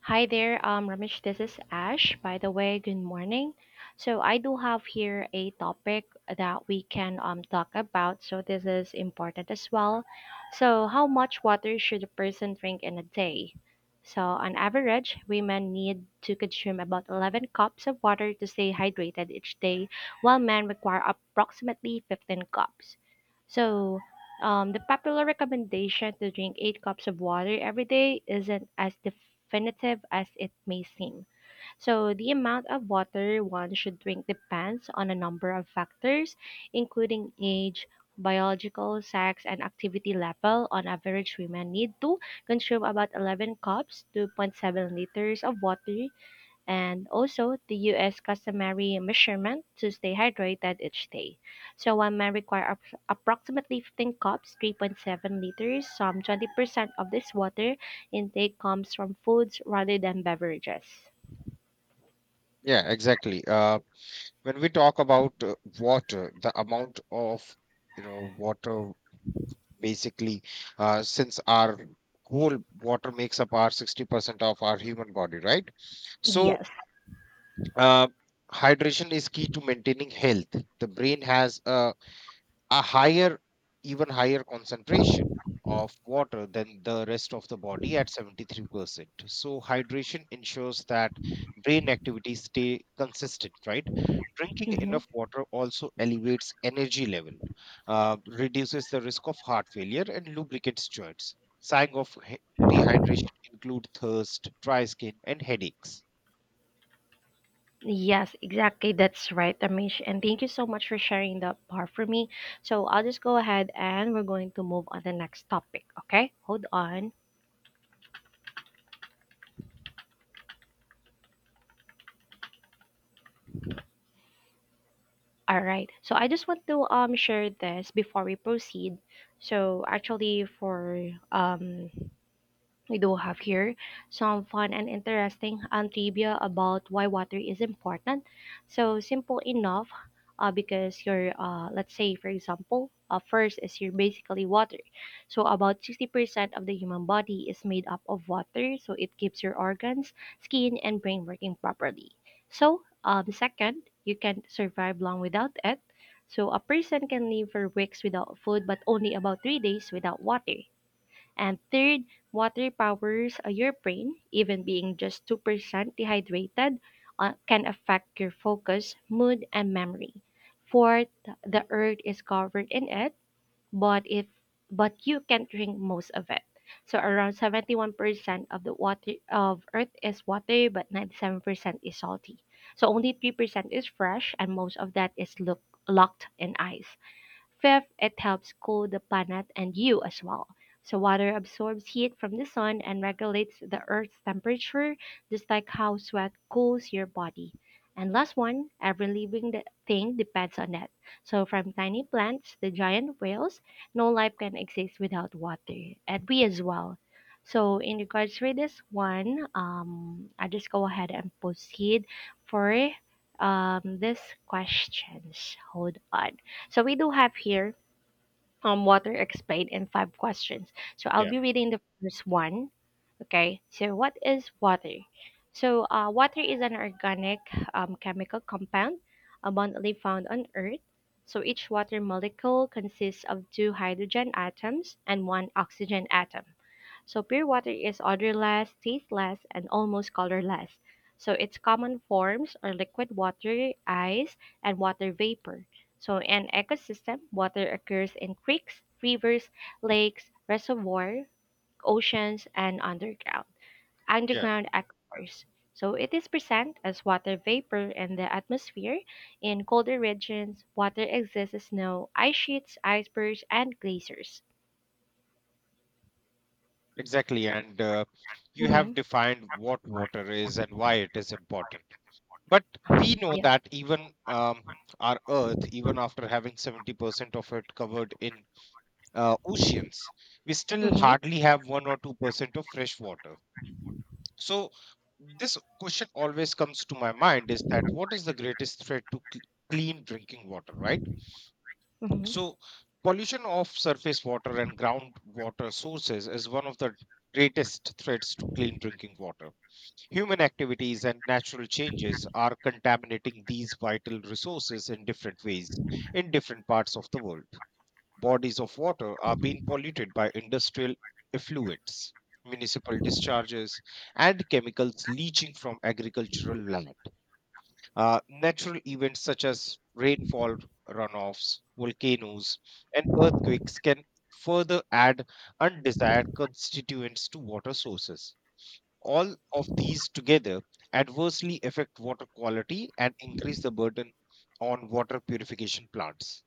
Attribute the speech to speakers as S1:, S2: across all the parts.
S1: Hi there, Ramesh. This is Ash. By the way, good morning. So I do have here a topic that we can talk about. So this is important as well. So how much water should a person drink in a day? So on average, women need to consume about 11 cups of water to stay hydrated each day, while men require approximately 15 cups. So the popular recommendation to drink 8 cups of water every day isn't as definitive as it may seem. So the amount of water one should drink depends on a number of factors, including age, biological, sex, and activity level. On average, women need to consume about 11 cups, 2.7 liters of water and also the US customary measurement to stay hydrated each day. So one man require approximately 15 cups, 3.7 liters. Some 20% of this water intake comes from foods rather than beverages.
S2: Yeah, exactly. When we talk about water, the amount of water basically, since our whole water makes up our 60% of our human body, right? So,
S1: Yes.
S2: uh, hydration is key to maintaining health. The brain has a higher, even higher concentration of water than the rest of the body at 73%, so hydration ensures that brain activities stay consistent, right? Drinking
S1: Mm-hmm.
S2: enough water also elevates energy level, reduces the risk of heart failure and lubricates joints. Signs of dehydration include thirst, dry skin and headaches.
S1: Yes, exactly. That's right, Amish. And thank you so much for sharing that part for me. So I'll just go ahead and we're going to move on the next topic. Okay, hold on. All right. So I just want to share this before we proceed. So actually for um we do have here some fun and interesting trivia about why water is important. So simple enough, because your let's say for example, first is your basically water. So about 60% of the human body is made up of water. So it keeps your organs, skin, and brain working properly. So second, you can survive long without it. So a person can live for weeks without food, but only about 3 days without water. And third, water powers your brain. Even being just 2% dehydrated can affect your focus, mood, and memory. Fourth, the earth is covered in it, but if but you can drink most of it. So around 71% of the water of earth is water, but 97% is salty. So only 3% is fresh and most of that is locked in ice. Fifth, it helps cool the planet and you as well. So water absorbs heat from the sun and regulates the earth's temperature, just like how sweat cools your body. And last one, every living thing depends on it. So from tiny plants to giant whales, no life can exist without water, and we as well. So in regards for this one, I just go ahead and proceed for this questions. Hold on. So we do have here water explained in five questions. So I'll
S2: yeah
S1: be reading the first one. Okay. So what is water? So water is an organic chemical compound abundantly found on Earth. So each water molecule consists of two hydrogen atoms and one oxygen atom. So pure water is odorless, tasteless, and almost colorless. So its common forms are liquid water, ice, and water vapor. So in ecosystem, water occurs in creeks, rivers, lakes, reservoir, oceans, and
S2: yeah
S1: underground aquifers. So it is present as water vapor in the atmosphere. In colder regions, water exists as snow, ice sheets, icebergs, and glaciers.
S2: Exactly. And you
S1: Hmm.
S2: have defined what water is and why it is important. But we know
S1: Yeah.
S2: that even our Earth, even after having 70% of it covered in oceans, we still
S1: Hmm.
S2: hardly have 1 or 2% of fresh water. So, this question always comes to my mind is that what is the greatest threat to clean drinking water, right?
S1: Hmm.
S2: So, pollution of surface water and groundwater sources is one of the greatest threats to clean drinking water. Human activities and natural changes are contaminating these vital resources in different ways in different parts of the world. Bodies of water are being polluted by industrial effluents, municipal discharges, and chemicals leaching from agricultural land. Natural events such as rainfall runoffs, volcanoes, and earthquakes can further add undesired constituents to water sources. All of these together adversely affect water quality and increase the burden on water purification plants.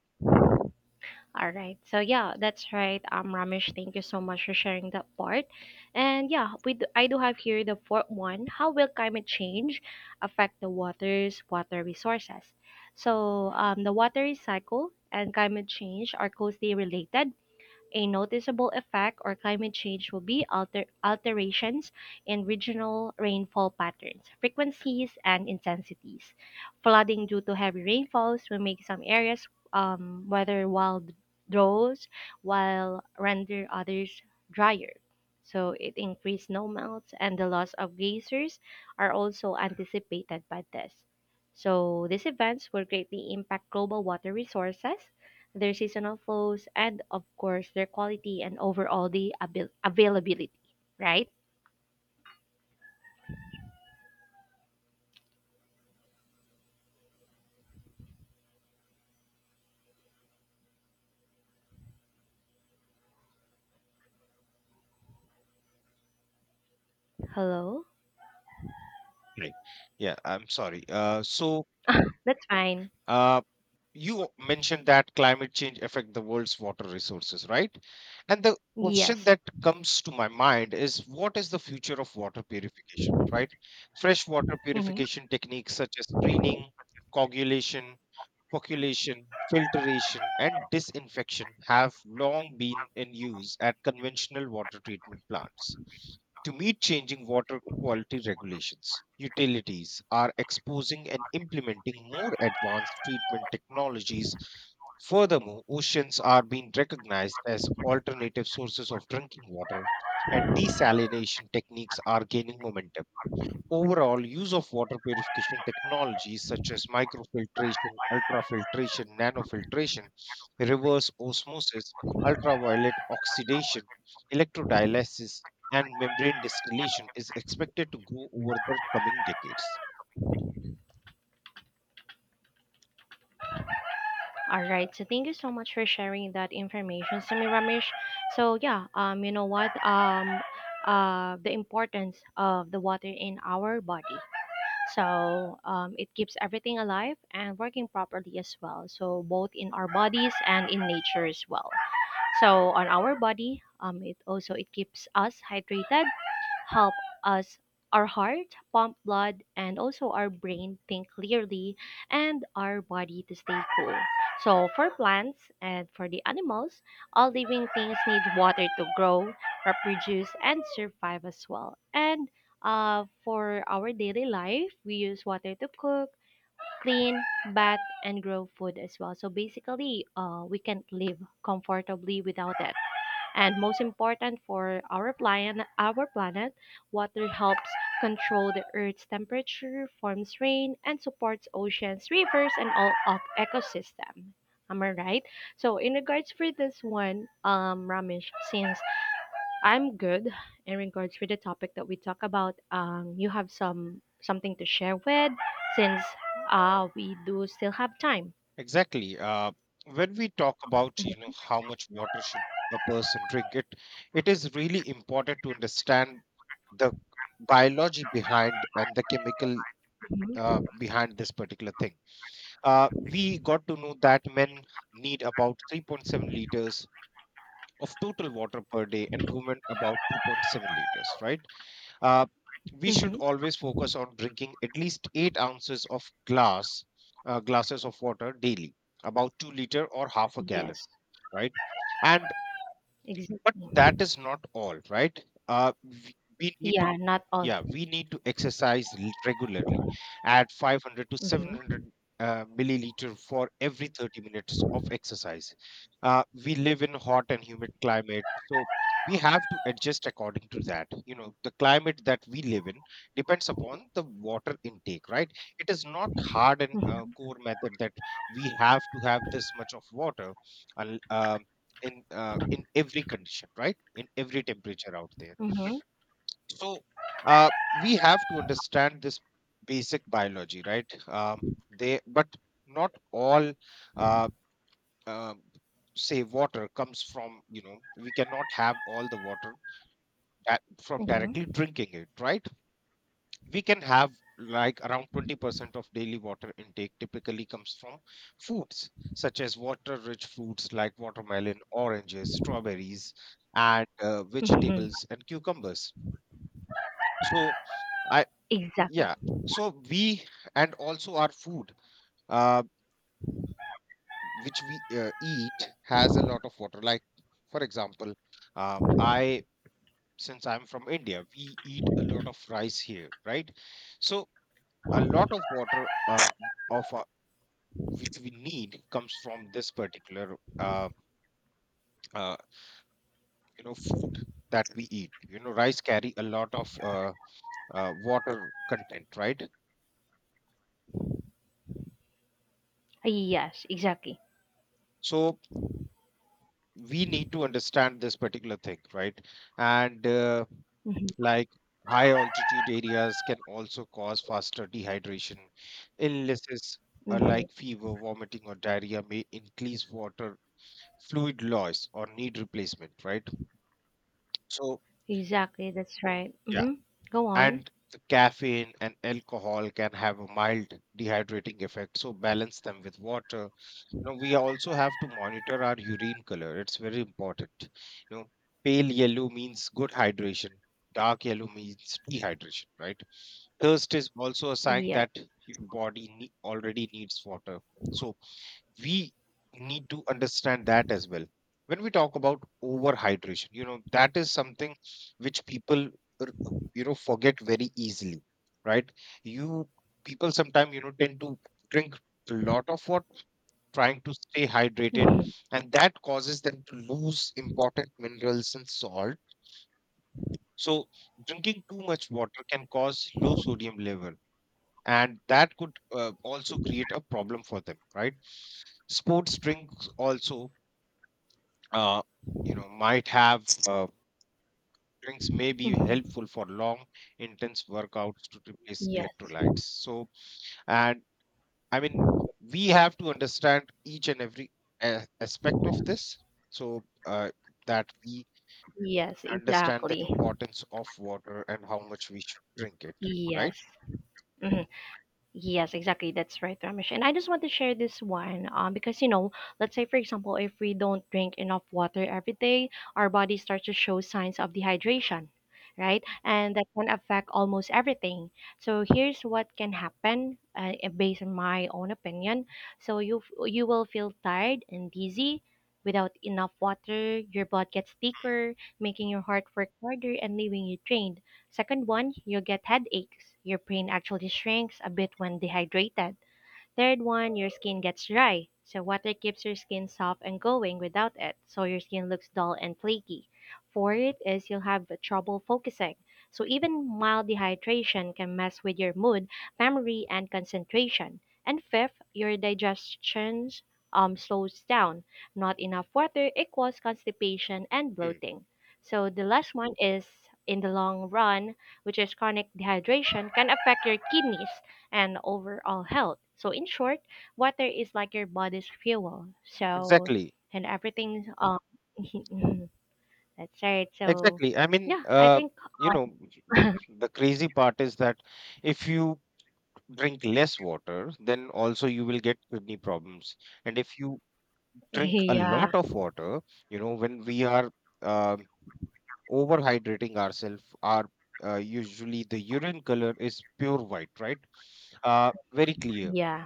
S1: All right. So yeah, that's right. Ramesh, thank you so much for sharing that part. And yeah, I do have here the fourth one. How will climate change affect the water resources? So the water cycle and climate change are closely related, a noticeable effect or climate change will be alterations in regional rainfall patterns, frequencies, and intensities. Flooding due to heavy rainfalls will make some areas weather wild droughts, while render others drier. So it increased snowmelts and the loss of geysers are also anticipated by this. So these events will greatly impact global water resources, their seasonal flows, and of course, their quality and overall the availability, right? Hello?
S2: Right. Yeah, I'm sorry.
S1: That's fine.
S2: Uh, you mentioned that climate change affect the world's water resources, right? And the question
S1: Yes.
S2: that comes to my mind is what is the future of water purification, right? Freshwater
S1: Mm-hmm.
S2: purification techniques such as screening, coagulation, percolation, filtration, and disinfection have long been in use at conventional water treatment plants. To meet changing water quality regulations, utilities are exposing and implementing more advanced treatment technologies. Furthermore, oceans are being recognized as alternative sources of drinking water, and desalination techniques are gaining momentum. Overall, use of water purification technologies such as microfiltration, ultrafiltration, nanofiltration, reverse osmosis, ultraviolet oxidation, electrodialysis, and membrane distillation is expected to grow over the coming decades.
S1: All right. So thank you so much for sharing that information, Sami Ramesh. So yeah, you know what? The importance of the water in our body. So it keeps everything alive and working properly as well. So both in our bodies and in nature as well. So on our body, it keeps us hydrated, help us our heart pump blood and also our brain think clearly and our body to stay cool. So for plants and for the animals, all living things need water to grow, reproduce and survive as well. And for our daily life, we use water to cook, clean, bath and grow food as well. So basically, we can't live comfortably without it. And most important for our planet, water helps control the Earth's temperature, forms rain, and supports oceans, rivers, and all of ecosystem. Am I right? So in regards for this one, Ramesh, since I'm good in regards with the topic that we talk about, you have some something to share with since we do still have time.
S2: Exactly. When we talk about how much water should a person drink, it is really important to understand the biology behind and the chemical
S1: Hmm.
S2: behind this particular thing. We got to know that men need about 3.7 liters of total water per day and women about 2.7 liters, right? Uh, we should
S1: Hmm.
S2: always focus on drinking at least 8 ounces of glass, glasses of water daily, about 2 liter or half a gallon,
S1: Yes,
S2: right? And but
S1: exactly.
S2: that is not all, right? We need to
S1: Yeah, not all.
S2: yeah we need to exercise regularly, add 500 to
S1: Mhm.
S2: 700 milliliter for every 30 minutes of exercise. We live in hot and humid climate, so we have to adjust according to that. The climate that we live in depends upon the water intake, right? It is not hard and
S1: Mhm.
S2: core method that we have to have this much of water un- uh, in every condition, right, in every temperature out there.
S1: Mhm.
S2: So, we have to understand this basic biology, right? But not all, uh, uh, say, water comes from. You know, we cannot have all the water that from directly
S1: Mhm.
S2: drinking it, right? We can have like around 20% of daily water intake typically comes from foods such as water-rich fruits like watermelon, oranges, strawberries, and
S1: Mhm.
S2: vegetables and cucumbers. So.
S1: Exactly.
S2: Yeah, so we and also our food uh, which we eat has a lot of water, like for example, I, since I'm from India, we eat a lot of rice here, right? So a lot of water of which we need comes from this particular uh, food that we eat. You know, rice carry a lot of water content, right?
S1: Yes, exactly.
S2: So we need to understand this particular thing, right? And
S1: Mhm.
S2: like high altitude areas can also cause faster dehydration. Illnesses are
S1: Mhm.
S2: like fever, vomiting, or diarrhea may increase water fluid loss or need replacement, right? So,
S1: Exactly. That's right.
S2: yeah,
S1: Mhm. Go on.
S2: and the caffeine and alcohol can have a mild dehydrating effect. So, balance them with water. Now, we also have to monitor our urine color, it's very important. You know, pale yellow means good hydration, dark yellow means dehydration, right? Thirst is also a sign
S1: Yes.
S2: that your body already needs water. So we need to understand that as well. When we talk about overhydration, you know, that is something which people, you know, forget very easily, right? You People sometimes, you know, tend to drink a lot of water, trying to stay hydrated,
S1: Mhm.
S2: and that causes them to lose important minerals and salt. So drinking too much water can cause low sodium level, and that could also create a problem for them, right? Sports drinks also, uh, you know might have drinks may be
S1: Mhm.
S2: helpful for long intense workouts to replace
S1: Yes.
S2: electrolytes. So, and i mean we have to understand each and every aspect of this, so that we
S1: Yes,
S2: understand the
S1: exactly.
S2: importance of water and how much we should drink it, right?
S1: Yes. Mhm. Yes, exactly. That's right, Ramesh. And I just want to share this one because, you know, let's say, for example, if we don't drink enough water every day, our body starts to show signs of dehydration, right? And that can affect almost everything. So here's what can happen based on my own opinion. So you will feel tired and dizzy without enough water. Your blood gets thicker, making your heart work harder and leaving you drained. Second one, you get headaches, your brain actually shrinks a bit when dehydrated. Third one, your skin gets dry. So water keeps your skin soft and glowing without it, so your skin looks dull and flaky. Fourth is you'll have trouble focusing. So even mild dehydration can mess with your mood, memory, and concentration. And fifth, your digestion slows down. Not enough water equals constipation and
S2: Hmm.
S1: bloating. So the last one is in the long run, which is chronic dehydration, can affect your kidneys and overall health. So in short, water is like your body's fuel. So
S2: Exactly.
S1: and everything that's right. So
S2: Exactly.
S1: yeah, I think
S2: You know, the crazy part is that if you drink less water, then also you will get kidney problems. And if you drink a lot
S1: yeah,
S2: of water, you know, when we are uh, overhydrating ourselves, our usually the urine color is pure white, right? Very clear.
S1: yeah,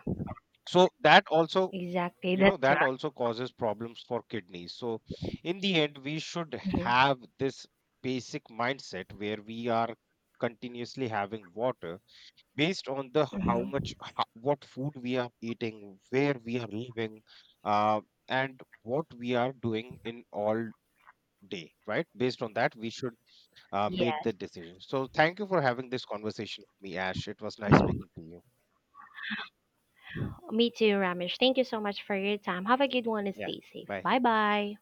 S2: So that also,
S1: exactly.
S2: you know,
S1: That's
S2: that
S1: right.
S2: also causes problems for kidneys. So in the end we should
S1: Hmm.
S2: have this basic mindset where we are continuously having water based on the
S1: Hmm.
S2: what food we are eating, where we are living, uh, and what we are doing in all day, right? Based on that we should make the
S1: Yes.
S2: decision. So thank you for having this conversation with me, Ash. It was nice speaking to you.
S1: Me too, Ramesh. Thank you so much for your time. Have a good one and
S2: Yeah,
S1: stay safe.
S2: bye.
S1: Bye bye.